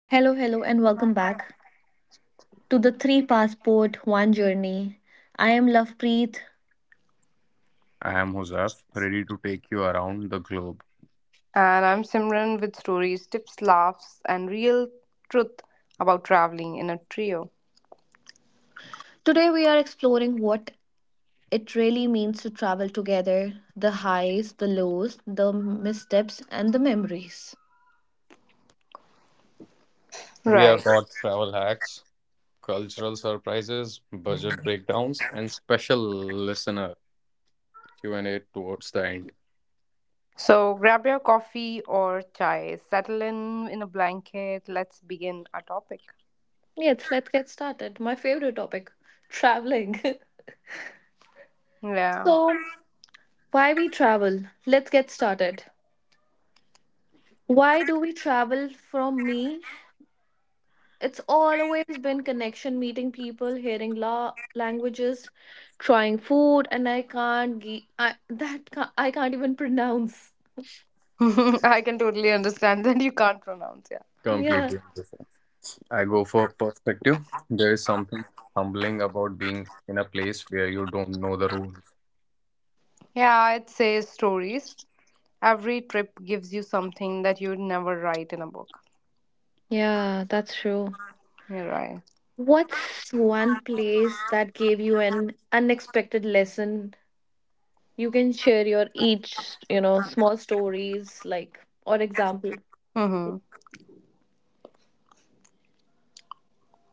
Hello, hello, and welcome back to the Three Passport One Journey. I am Lovepreet. I am Huzaf, ready to take you around the globe. And I'm Simran with stories, tips, laughs, and real truth about traveling in a trio. Today, we are exploring what it really means to travel together, the highs, the lows, the missteps, and the memories. We Right. have got travel hacks, cultural surprises, budget breakdowns, and special listener Q&A towards the end. So grab your coffee or chai, settle in a blanket. Let's begin our topic. Yes, let's get started. My favorite topic, traveling. Yeah. so, why we travel? Let's get started. Why do we travel? From me, it's always been connection, meeting people, hearing languages, trying food, and I can't I can't even pronounce. I can totally understand that you can't pronounce. Yeah. Yeah. Completely different. I go for perspective. There is something humbling about being in a place where you don't know the rules. Yeah, it says stories. Every trip gives you something that you'd never write in a book. Yeah, that's true. You're right. What's one place that gave you an unexpected lesson? You can share your each, small stories like or example. Mm-hmm.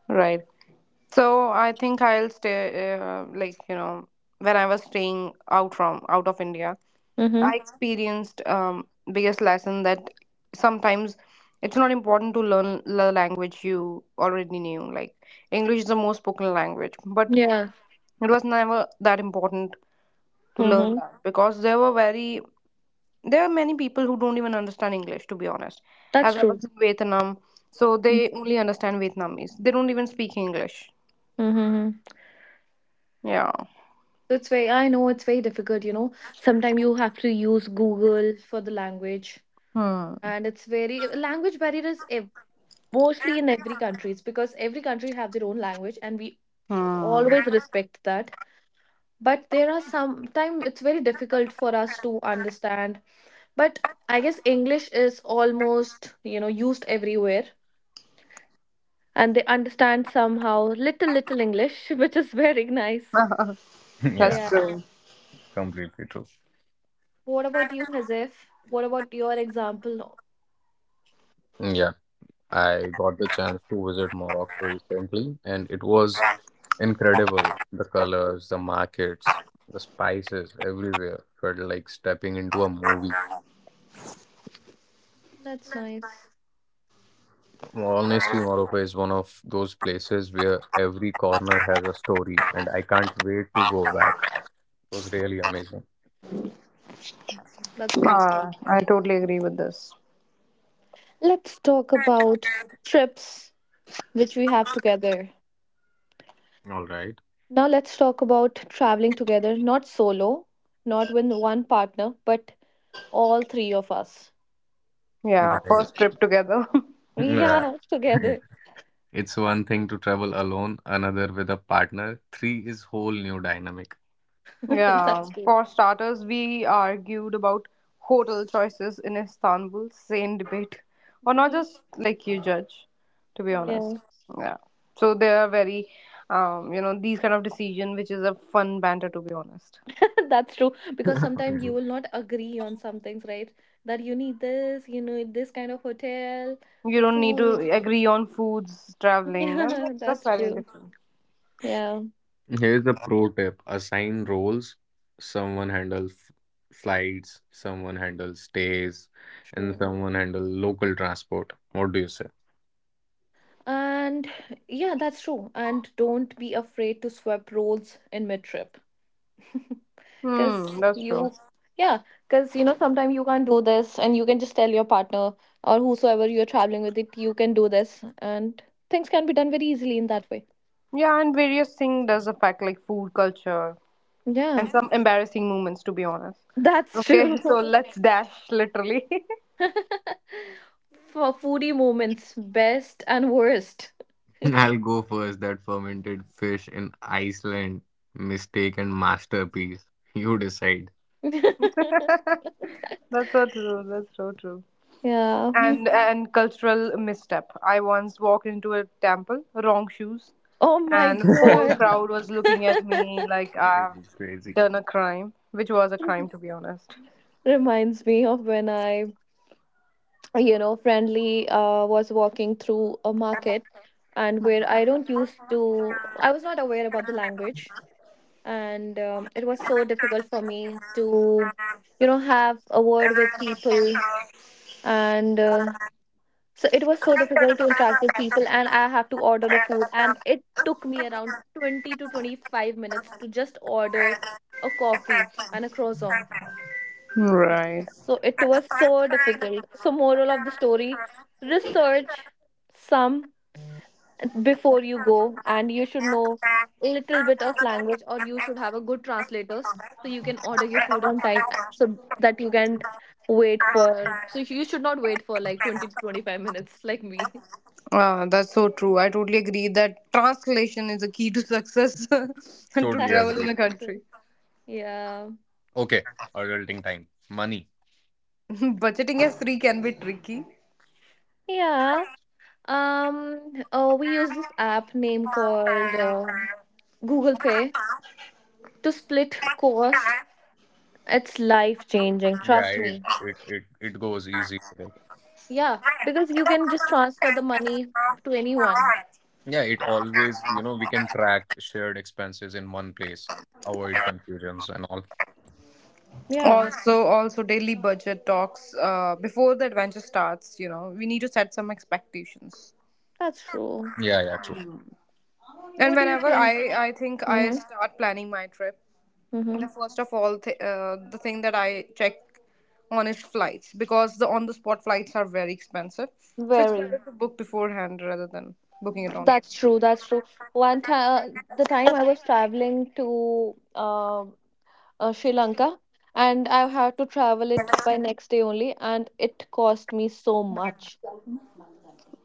Right. So I think I'll stay, like when I was staying out from out of India, I Mm-hmm. experienced biggest lesson that sometimes it's not important to learn the language you already knew. Like English is the most spoken language, but Yeah. it was never that important to learn Mm-hmm. that because there were very there are many people who don't even understand English. To be honest, That's as I true. was in Vietnam, so they only understand Vietnamese. They don't even speak English. Mm-hmm. Yeah. So it's very, I know it's very difficult, Sometimes you have to use Google for the language, Hmm. and it's very, language barrier is mostly in every countries, because every country have their own language, and we Hmm. always respect that. But there are sometimes it's very difficult for us to understand. But I guess English is almost, used everywhere, and they understand somehow little little English, which is very nice. That's Yeah, Yeah. true. completely true. What about you, Hazef? What about your example? Yeah, I got the chance to visit Morocco recently, and it was incredible. The colors, the markets, the spices everywhere felt like stepping into a movie. That's nice. Honestly, Morocco is one of those places where every corner has a story, and I can't wait to go back. It was really amazing. That's beautiful. I totally agree with this. Let's talk about trips which we have together. All right. Now let's talk about traveling together, not solo, not with one partner, but all three of us. Yeah, Right. first trip together. Yeah. Yeah, Yeah. together. It's one thing to travel alone, another with a partner, three is whole new dynamic. Yeah, That's true. for starters, we argued about hotel choices in Istanbul. Same debate. Or not just like you judge, to be Yeah, honest. Yeah. So they are very, you know, these kind of decision, which is a fun banter, to be honest. that's true. Because sometimes you will not agree on some things, right? That you need this, you know, this kind of hotel, You the don't need to food. agree on foods, traveling, and Yeah, that's that's very true. different. Yeah. Here's a pro tip assign roles. Someone handles flights, someone handles stays, and True. someone handles local transport. What do you say? And yeah, that's true. And don't be afraid to swap roles in mid trip. Hmm, Because that's true. you, yeah, because you know, sometimes you can't do this, and you can just tell your partner or whosoever you're traveling with it, you can do this. And things can be done very easily in that way. Yeah, and various thing does affect like food culture and Yeah, some embarrassing moments to be honest. that's Okay, true. so let's dash literally. For foodie moments, best and worst. I'll go first. That fermented fish in Iceland, mistake and masterpiece. You decide. That's so true. That's so true. Yeah. And cultural misstep. I once walked into a temple, wrong shoes, Oh my and Crazy, whole God. crowd was looking at me like I've crazy. done a crime, which was a crime to be honest. Reminds me of when I, friendly, was walking through a market, and where I don't used to I was not aware about the language. And it was so difficult for me to, have a word with people. And so it was so difficult to interact with people, and I have to order the food, and it took me around 20 to 25 minutes to just order a coffee and a croissant. Right. So it was so difficult. So moral of the story, research some before you go, and you should know a little bit of language, or you should have a good translators so you can order your food on time, so that you can wait for so you should not wait for like 20 to 25 minutes like me. That's so true. I totally agree that translation is a key to success and to Totally That's, travel in agreed. a country. yeah. Okay, adulting time. Money. Budgeting as three can be tricky. Yeah. Um oh, we use this app name called Google Pay to split cost. It's life changing, Yeah, trust it me. it it, it goes easy. Yeah, because you can just transfer the money to anyone. Yeah, it always, you know, we can track shared expenses in one place, avoid confusions and all. Yeah, Also daily budget talks before the adventure starts, you know, we need to set some expectations. that's true. Yeah, yeah, true. and What do you whenever think? i i think I Mm-hmm. start planning my trip. Mm-hmm. The first of all th- uh, the thing that I check on is flights, because the on the spot flights are very expensive, so it's better Very. to book beforehand rather than booking it on. That's true. That's true. One time, the time I was traveling to Sri Lanka, and I had to travel it by next day only, and it cost me so much.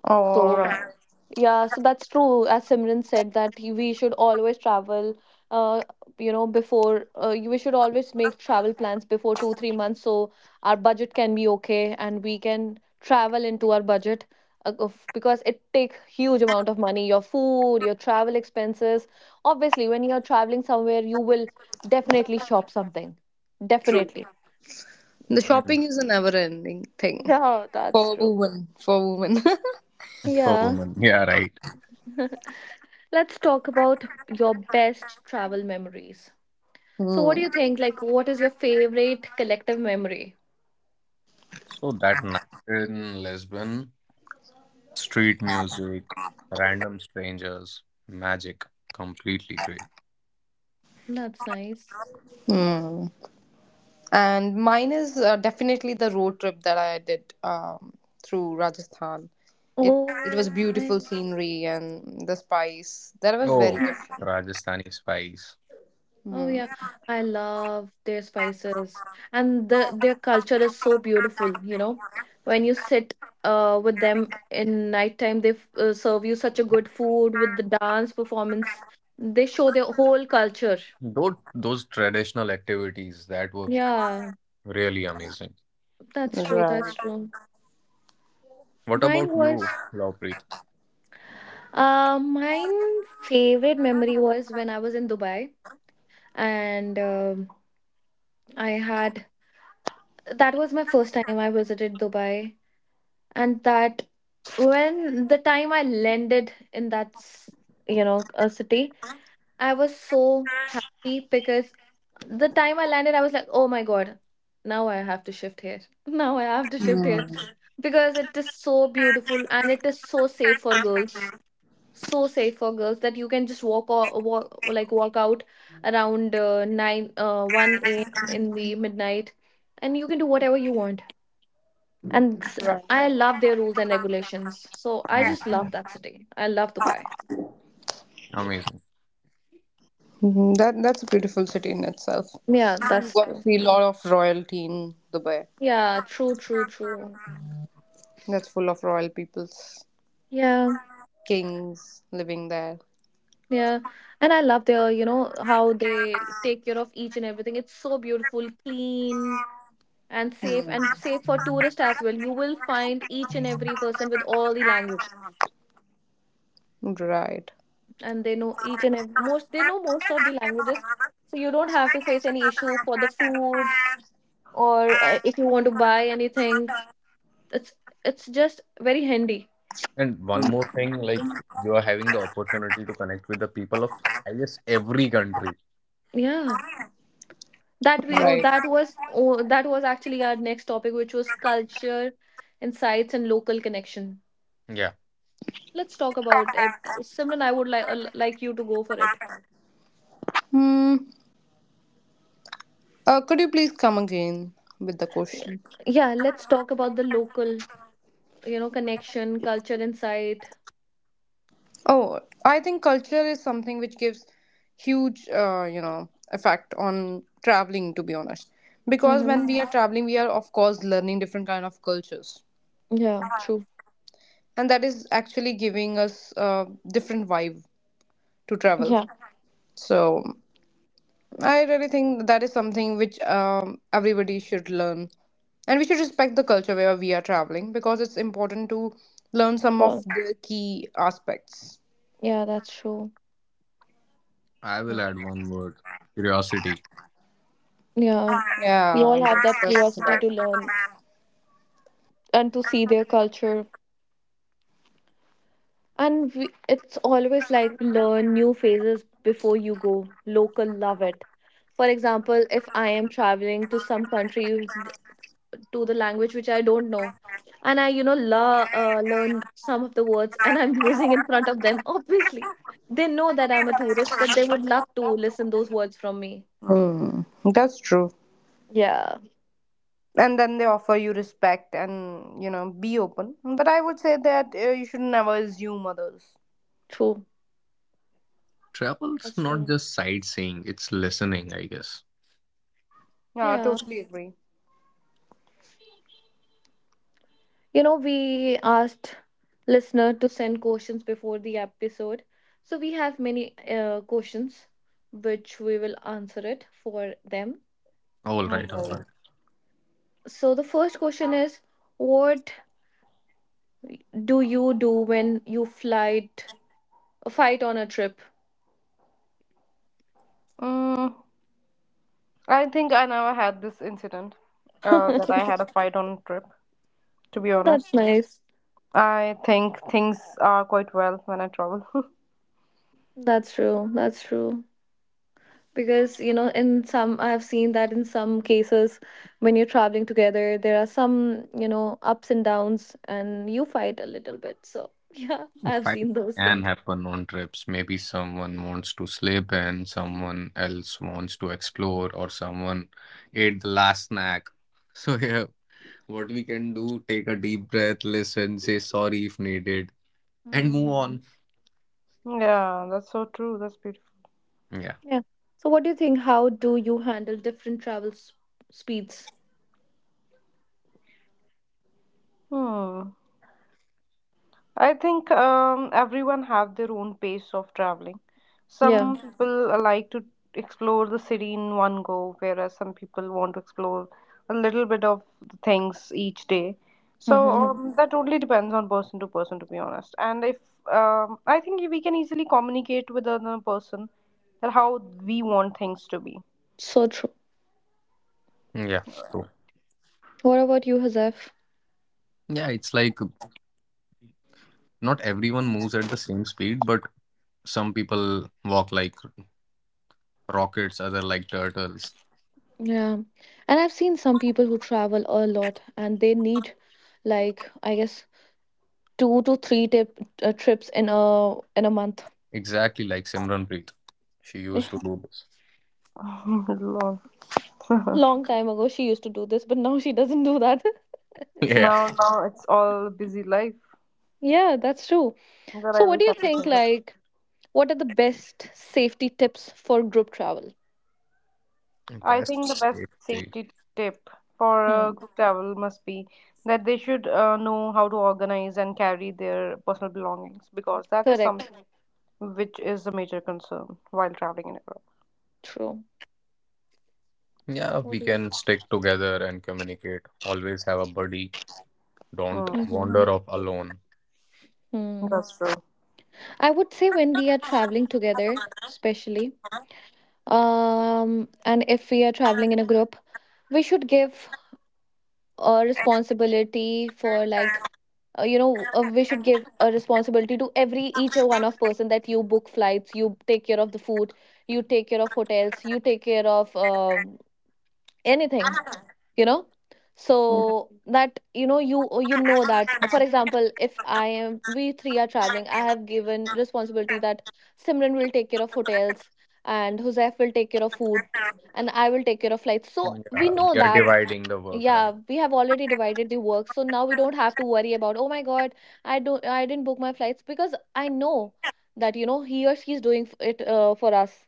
All So, right. yeah, so that's true. As Simran said, that we should always travel, uh, before we should always make travel plans before 2, 3 months, so our budget can be okay and we can travel into our budget, because it takes huge amount of money, your food, your travel expenses. Obviously, when you're traveling somewhere, you will definitely shop something. Definitely. The Mm, shopping is a never ending thing Yeah, that's for true. women, for women. for Yeah. women. Yeah, right. Let's talk about your best travel memories. So what Hmm. do you think? Like, what is your favorite collective memory? So that night in Lisbon, street music, random strangers, magic, completely crazy. That's nice. Hmm. And mine is definitely the road trip that I did through Rajasthan. It it Oh, was beautiful nice. scenery and the spice. That was very Oh, Mm. different. Rajasthani spice. Oh Mm, yeah, I love their spices, and the their culture is so beautiful, you know. When you sit with them in nighttime, they serve you such a good food with the dance performance. They show their whole culture. Those traditional activities that were Yeah, really amazing. that's true. right. That's true. What Mine about you, was Lopreet? Mine favorite memory was when I was in Dubai. And I had, that was my first time I visited Dubai, and that, when the time I landed in that you know, a city, I was so happy, because the time I landed, I was like, oh my God, now I have to shift here. Now I have to shift here, Hmm. because it is so beautiful, and it is so safe for girls. So safe for girls that you can just walk or walk like walk out around uh, 9 uh, 1 a.m. in the midnight, and you can do whatever you want. And Right. I love their rules and regulations, so I Mm, just love that city. I love Dubai. amazing. Mhm. That that's a beautiful city in itself. Yeah, You that's got to true. see a lot of royalty in Dubai. Yeah, true, true, true. That's full of royal peoples, Yeah. kings living there. Yeah, and I love their, you know, how they take care of each and everything. It's so beautiful, clean and safe, and safe for tourists as well. You will find each and every person with all the languages, Right. and they know each and ev most they know most of the languages, so you don't have to face any issue for the food, or if you want to buy anything. it's it's just very handy. And one more thing, like you are having the opportunity to connect with the people of, I guess, every country. Yeah, that we Right. Oh, that was actually our next topic, which was culture insights and local connection. Yeah, Let's talk about it. Simran, I would like you to go for it. Hmm. Could you please come again with the Yeah, question? yeah, let's talk about the local, you know, connection, culture insight. Oh, I think culture is something which gives huge, you know, effect on traveling. To be honest, because Mm-hmm. when we are traveling, we are of course learning different kind of cultures, Yeah, true. and that is actually giving us a different vibe to travel. Yeah. So I really think that is something which everybody should learn, and we should respect the culture where we are traveling because it's important to learn some of Well, the key aspects. yeah, that's true. I will add one word, curiosity. Yeah, we Yeah, all have that that's curiosity right. to learn and to see their culture. And we, it's always like, learn new phases before you go. Local love it. For example, if I am traveling to some country, to the language which I don't know, and I, learn some of the words, and I'm using in front of them, obviously. They know that I'm a tourist, but they would love to listen those words from me. Mm, that's true. Yeah, And then they offer you respect and, you know, be open. But I would say that you should never assume others. true. Travel's That's not true. just sightseeing, it's listening, I guess. Yeah, I Yeah. totally agree. You know, we asked listener to send questions before the episode. So we have many questions which we will answer it for them. All right, all Okay. right. So the first question is, what do you do when you flight fight on a trip? Mm, I think I never had this incident Oh, that I had a fight on a trip, to be that's honest. nice. I think things are quite well when I travel. That's true. That's true. Because you know, in some, I've seen that in some cases when you're traveling together, there are some, you know, ups and downs, and you fight a little bit. So yeah, Oh, I've fight seen those can things. happen on trips. Maybe someone wants to sleep and someone else wants to explore, or someone ate the last snack. So, yeah, what we can do, take a deep breath, listen, say sorry if needed, and move Mm-hmm. on. Yeah, that's so true. That's beautiful. Yeah. Yeah, so what do you think? How do you handle different travel speeds? Hmm. I think everyone have their own pace of traveling. Yeah. Some people like to explore the city in one go, whereas some people want to explore a little bit of the things each day. So Mm-hmm. That only depends on person to person, to be honest. And if I think we can easily communicate with another person that how we want things to be. So true. Yeah, true. What about you, Hazef? Yeah, it's like not everyone moves at the same speed, but some people walk like rockets, other like turtles. Yeah, and I've seen some people who travel a lot, and they need, like, I guess, two to three trips in a month. Exactly like Simranpreet. She used to do this. Lord. Now, Long time ago, she used to do this, but now she doesn't do that. Yeah. now it's all busy life Yeah, that's true. that So, I what wish do I you could think? think. Like, what are the best safety tips for group travel? I Best think the best safety. safety tip for a Hmm. group travel must be that they should know how to organize and carry their personal belongings because that is something Correct. which is a major concern while traveling in Europe. True. Yeah, What we do you? can stick together and communicate. Always have a buddy. Don't Mm, Hmm. wander off alone. Hmm. that's true. I would say when we are traveling together, especially, and if we are traveling in a group, we should give a responsibility for, like, we should give a responsibility to every each one of person, that you book flights, you take care of the food, you take care of hotels, you take care of anything, you know. Mm, So that, you know, you know that, for example, if I am, we three are traveling, I have given responsibility that Simran will take care of hotels, and Huzaifa will take care of food, and I will take care of flights, so we Yeah, know we are that. dividing the work, Yeah, right? we have already divided the work, so now we don't have to worry about, oh my God, I don't I didn't book my flights, because I know that, you know, he or she's doing it, for us.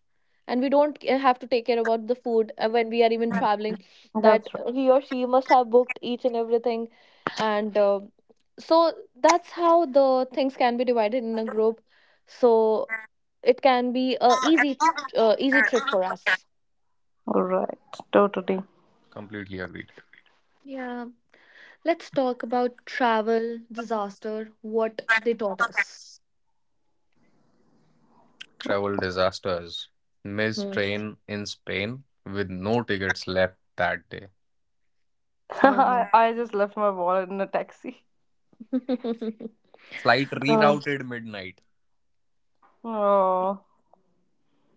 And we don't have to take care about the food when we are even traveling, that's that true. He or she must have booked each and everything. And so that's how the things can be divided in a group, so it can be a easy, easy trip for us. All right, totally. Completely agreed. Yeah. Let's talk about travel, disaster, what they taught us. Travel disasters. Missed Hmm. train in Spain with no tickets left that day. Oh my. I just left my wallet in a taxi. Flight Uh, rerouted midnight. Oh,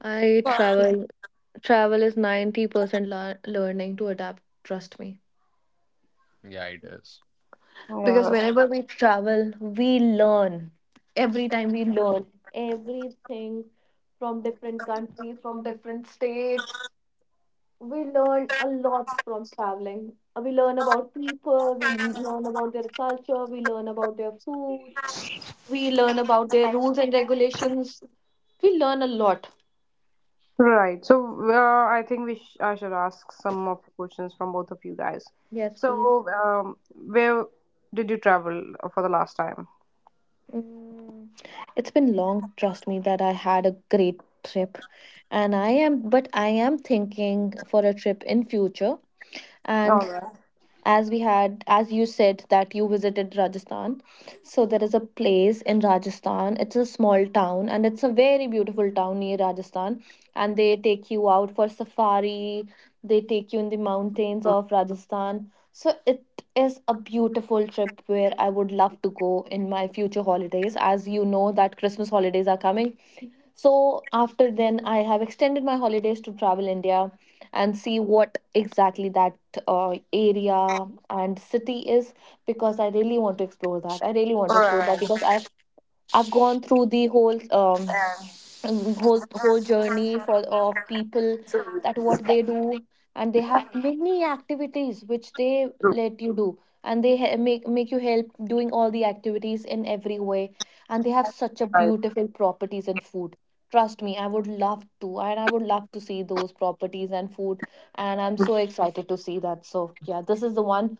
I travel. Travel is 90% learning to adapt, trust me. Yeah, it is. yeah, Because that's. whenever we travel, we learn. Every time we learn everything from different countries, from different states. We learn a lot from traveling. We learn about people, we learn about their culture, we learn about their food. We learn about their rules and regulations. We learn a lot. Right. So I think I should ask some of the questions from both of you guys. Yes, please. So where did you travel for the last time? Mm, it's been long, trust me, that I had a great trip. And I am, but I am thinking for a trip in future. All And, right. as we had as you said that you visited Rajasthan, so there is a place in Rajasthan. It's a small town, and it's a very beautiful town near Rajasthan, and they take you out for safari. They take you in the mountains All of Rajasthan, so it is a beautiful trip where I would love to go in my future holidays. As you know that Christmas holidays are coming, so after then, I have extended my holidays to travel India and see what exactly that area and city is, because I really want to explore that. I really want to explore that because right. I've gone through the whole whole journey for of people, that what they do, and they have many activities which they let you do, and make you help doing all the activities in every way. And they have such a Right. beautiful properties and food. Trust me, I would love to, and I would love to see those properties and food, and I'm so excited to see that. So yeah, this is the one.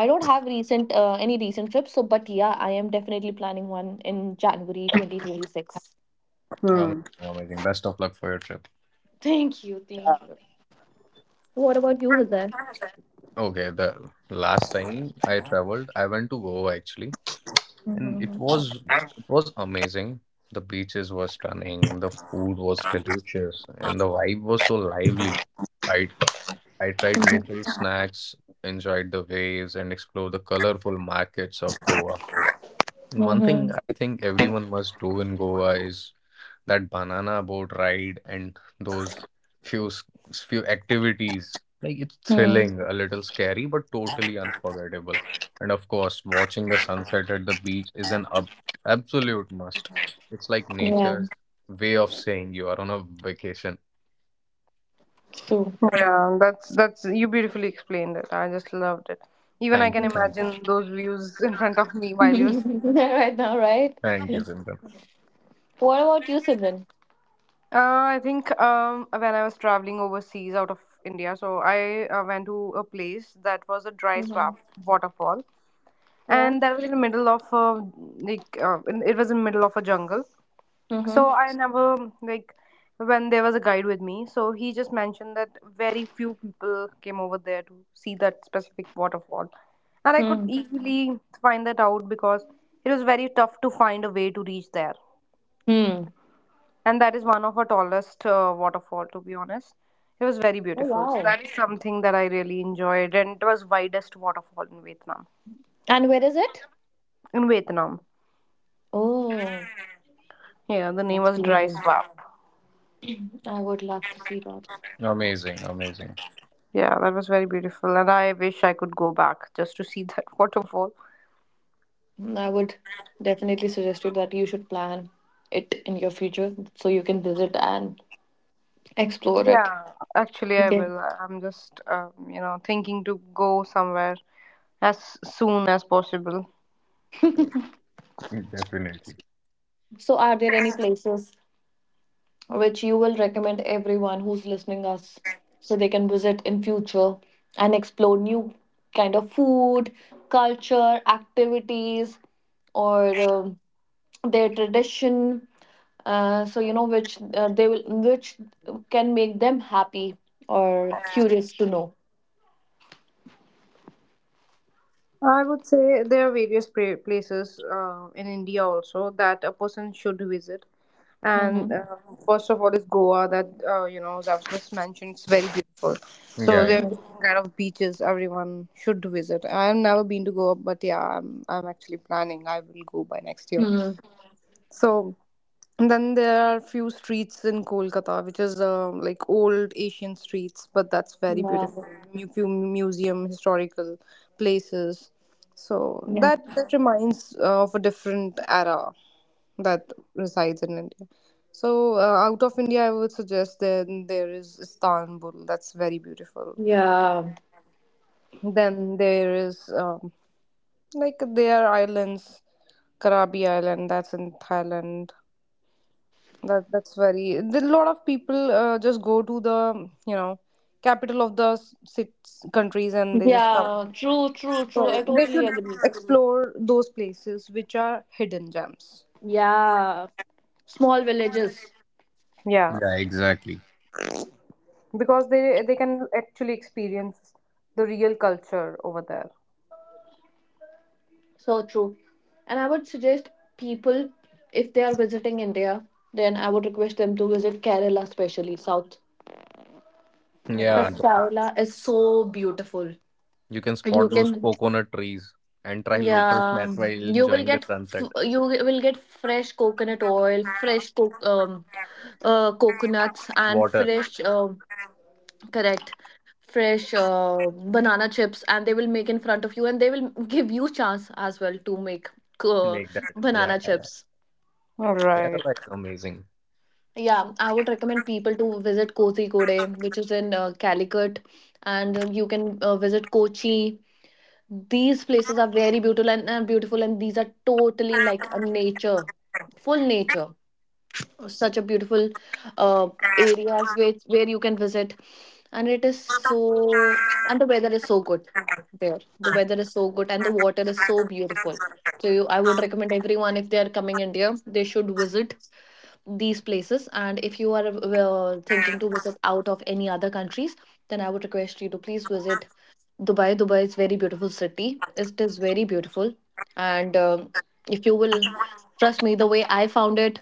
I don't have recent any recent trips, so but yeah, I am definitely planning one in January 2026. Amazing, amazing. Best of luck for your trip. Thank you. Thank you. What about you, Hizar? Okay, the last time I traveled, I went to Goa actually, and Mm-hmm. it was amazing. The beaches were stunning, the food was delicious, and the vibe was so lively. I I tried Mm-hmm. local snacks, enjoyed the waves, and explored the colorful markets of Goa. And one thing Mm-hmm. I think everyone must do in Goa is that banana boat ride and those few s- few activities. Like it's thrilling, a little scary, but totally unforgettable. And of course, watching the sunset at the beach is an ab absolute must. It's like Yeah, nature's way of saying you are on a vacation. it's true. Yeah, that's you beautifully explained it. I just loved it. Even I Thank can you, thank you, imagine those views in front of me while you're speaking. Right now, right? thank Yeah. you, Simran. What about you, Simran? Uh, I think when I was traveling overseas out of India, so I went to a place that was a dry Mm-hmm. swamp waterfall. Yeah. And that was in the middle of a, it was in the middle of a jungle, so Mm-hmm. I never like, when there was a guide with me, so he just mentioned that very few people came over there to see that specific waterfall, and I could easily find that out because it was very tough to find a way to reach there, Mm-hmm. and that is one of our tallest waterfall to be honest. It was very Oh beautiful, so wow. that is something that I really enjoyed, and it was widest waterfall in Vietnam. And where is it? In Vietnam, Oh, yeah, the name that's was dry beautiful. swamp. I would love to see that. Amazing, amazing. Yeah, that was very beautiful, and I wish I could go back just to see that waterfall. Mm, I would definitely suggest you that you should plan it in your future so you can visit and explore it. Yeah, actually, I Okay. will. I'm just, you know, thinking to go somewhere as soon as possible. Definitely. So, are there any places which you will recommend everyone who's listening us, so they can visit in future and explore new kind of food, culture, activities, or their tradition, so you know which they will, which can make them happy or curious to know. I would say there are various places in India also that a person should visit. And Mm-hmm. First of all is Goa, that you know that I just mentioned it's very beautiful. Yeah, So yeah, there are Mm-hmm. different kind of beaches everyone should visit. I've never been to Goa, but yeah, I'm actually planning. I will go by next year. Mm-hmm. So and then there are few streets in Kolkata, which is like old Asian streets, but that's very Yeah. beautiful. Few museum, historical places. So Yeah. that that reminds of a different era that resides in India. So out of India, I would suggest then there is Istanbul. That's very beautiful. Yeah. Then there is like there are islands, Karabi Island. That's in Thailand. That that's very. A lot of people just go to the you know capital of six countries and they just come. Yeah, true, true, true, I So they totally should agree. explore those places which are hidden gems. Yeah, small villages. Yeah, yeah, exactly. because they can actually experience the real culture over there. So true. And I would suggest people, if they are visiting India, then I would request them to visit Kerala, especially South. Yeah, Because Right. th- Kerala is so beautiful. you can You spot those can, coconut trees and try local yeah, snacks while you will enjoying the get sunset. You will get fresh coconut oil, fresh coconuts, and Water. fresh um, correct, fresh banana chips, and they will make in front of you, and they will give you chance as well to make uh, Make that. Yeah, banana yeah. chips. Right. Kerala is amazing. Yeah, I would recommend people to visit Kozhikode, which is in Calicut, and you can visit Kochi. These places are very beautiful and beautiful, and these are totally like a nature, full nature. Such a beautiful uh, areas which where you can visit, and it is so, and the weather is so good there. The weather is so good, and the water is so beautiful. So you, I would recommend everyone, if they are coming India, they should visit these places. And if you are thinking to visit out of any other countries, then I would request you to please visit Dubai. Dubai is very beautiful city, it is very beautiful. And if you will, trust me, the way I found it,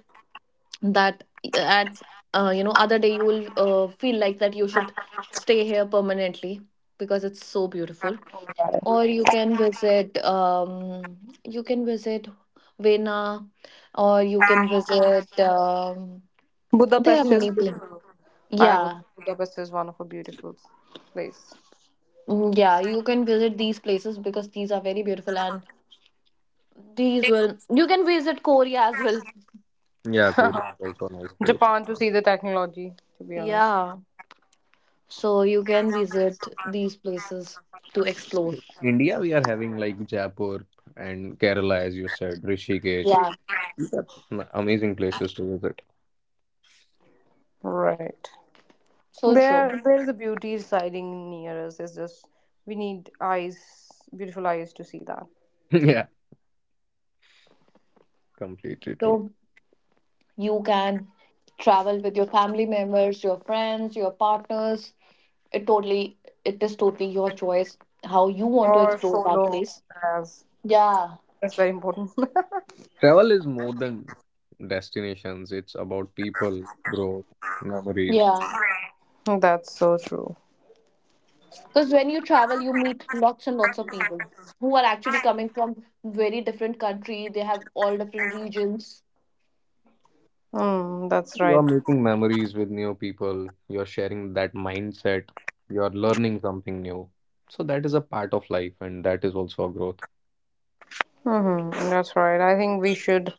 that at you know, other day you will feel like that you should stay here permanently because it's so beautiful. Right. Or you can visit Vena, or you can visit there are Budapest is many places. beautiful. I would. Yeah. Budapest is one of a beautiful place. Mm, yeah, you can visit these places because these are very beautiful, and these will, you can visit Korea as well. Yeah, Korea is also a nice place. Japan to see the technology. To be honest. Yeah. So you can visit these places to explore. India, we are having like Jaipur and Kerala, as you said, Rishikesh. Yeah. These are amazing places to visit. Right. So There, true. there is a beauty residing near us. It's just we need eyes, beautiful eyes to see that. Yeah, completely true. So you can travel with your family members, your friends, your partners. It totally it is totally your choice how you want to Or explore that solo, place. as Yeah. that's very important. Travel is more than destinations, it's about people, growth, memories. Yeah. That's so true. Because when you travel, you meet lots and lots of people who are actually coming from very different country. They have all different regions. Mm, that's You're right. making memories with new people, you're sharing that mindset, you're learning something new. So that is a part of life, and that is also a growth. Hmm, that's right. I think we should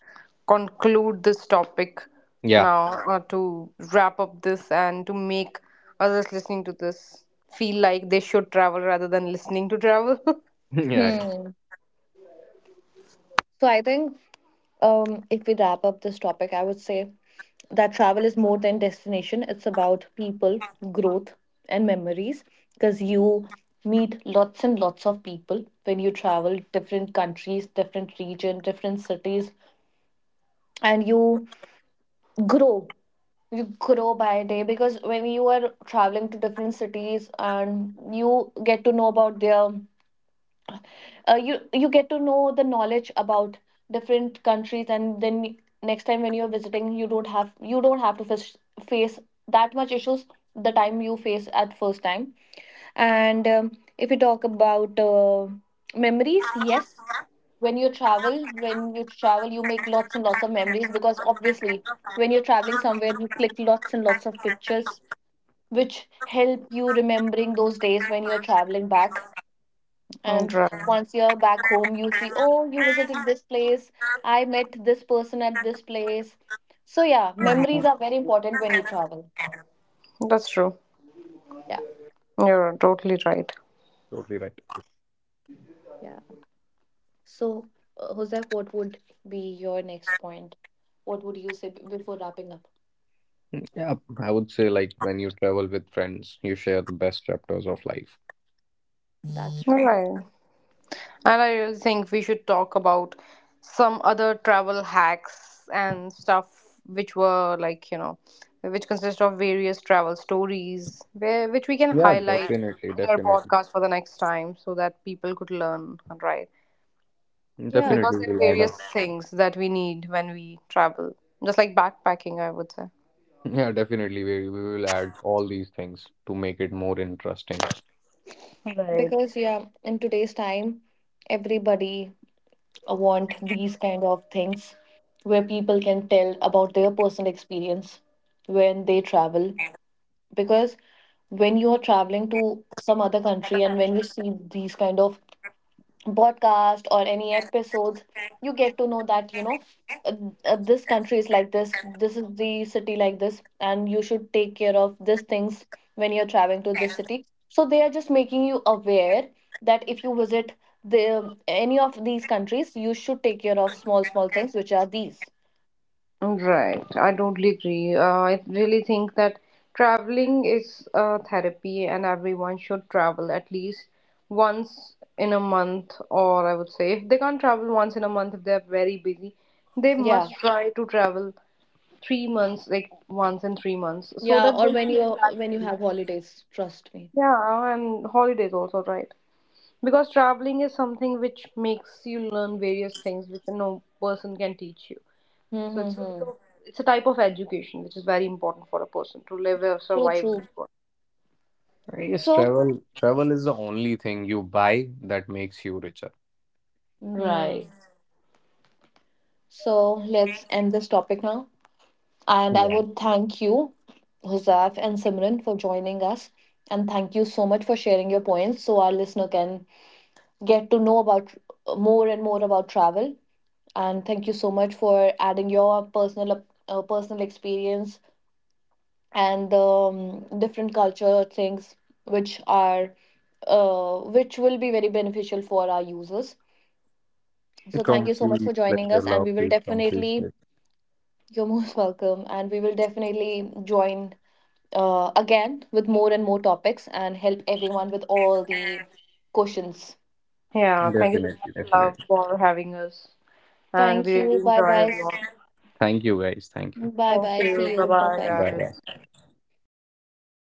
conclude this topic Yeah. now to wrap up this and to make others listening to this feel like they should travel rather than listening to travel. Yeah, Hmm. So I think if we wrap up this topic, I would say that travel is more than destination. It's about people, growth, and memories. Because you meet lots and lots of people when you travel different countries, different region, different cities, and you grow, you grow by day, because when you are traveling to different cities and you get to know about their you you get to know the knowledge about different countries, and then next time when you're visiting, you don't have to fish, face that much issues, the time you face at first time. And if you talk about memories, yes, when you travel, when you travel you make lots and lots of memories, because obviously when you're traveling somewhere, you click lots and lots of pictures which help you remembering those days when you're traveling back. Mm, And right. once you're back home, you see, oh, you visited this place. I met this person at this place. So yeah, memories are very important when you travel. That's true. Yeah. You're totally right. totally right. Yeah. So, Joseph, what would be your next point? What would you say before wrapping up? Mm, yeah, I would say like when you travel with friends, you share the best chapters of life. That's All true. right. And I really think we should talk about some other travel hacks and stuff which were like, you know, which consist of various travel stories where which we can Yeah, highlight definitely, in our definitely. podcast for the next time so that people could learn, right? Yeah, Definitely Because there are will add up. various things that we need when we travel, just like backpacking, I would say. Yeah, definitely we will add all these things to make it more interesting. Right. because yeah, in today's time, everybody want these kind of things where people can tell about their personal experience when they travel. Because when you're traveling to some other country and when you see these kind of podcast or any episodes, you get to know that, you know, uh, this country is like this is the city like this, and you should take care of these things when you're traveling to this city. So they are just making you aware that if you visit the any of these countries, you should take care of small small things which are these. Right, I totally agree. I really think that traveling is a therapy, and everyone should travel at least once in a month, or I would say, if they can't travel once in a month, if they're very busy, they must Yeah. try to travel 3 months, like once in 3 months, so Yeah, that or they can relax when you their have mind. holidays, trust me. Yeah, and holidays also, right? Because traveling is something which makes you learn various things which no person can teach you. So it's like Hmm. a it's a type of education which is very important for a person to live or So survive in true. this world. I guess So, travel is the only thing you buy that makes you richer. Right. hmm. So let's end this topic now. And I Yeah. would thank you, Huzaf and Simran, for joining us. And thank you so much for sharing your points so our listener can get to know about more and more about travel. And thank you so much for adding your personal personal experience, and different culture things which are which will be very beneficial for our users. So thank you so much for Complete joining pleasure, us, and we love, will please, complete definitely. You're most welcome, and we will definitely join again with more and more topics and help everyone with all the questions. Yeah, pleasure. thank you so Definitely, much, definitely. love, for having us, and we Thank you. really Bye enjoyed bye. it a lot. Thank you guys. Thank you. Bye Thank bye. See you. Bye you. Bye bye. bye, Bye Bye. bye. guys.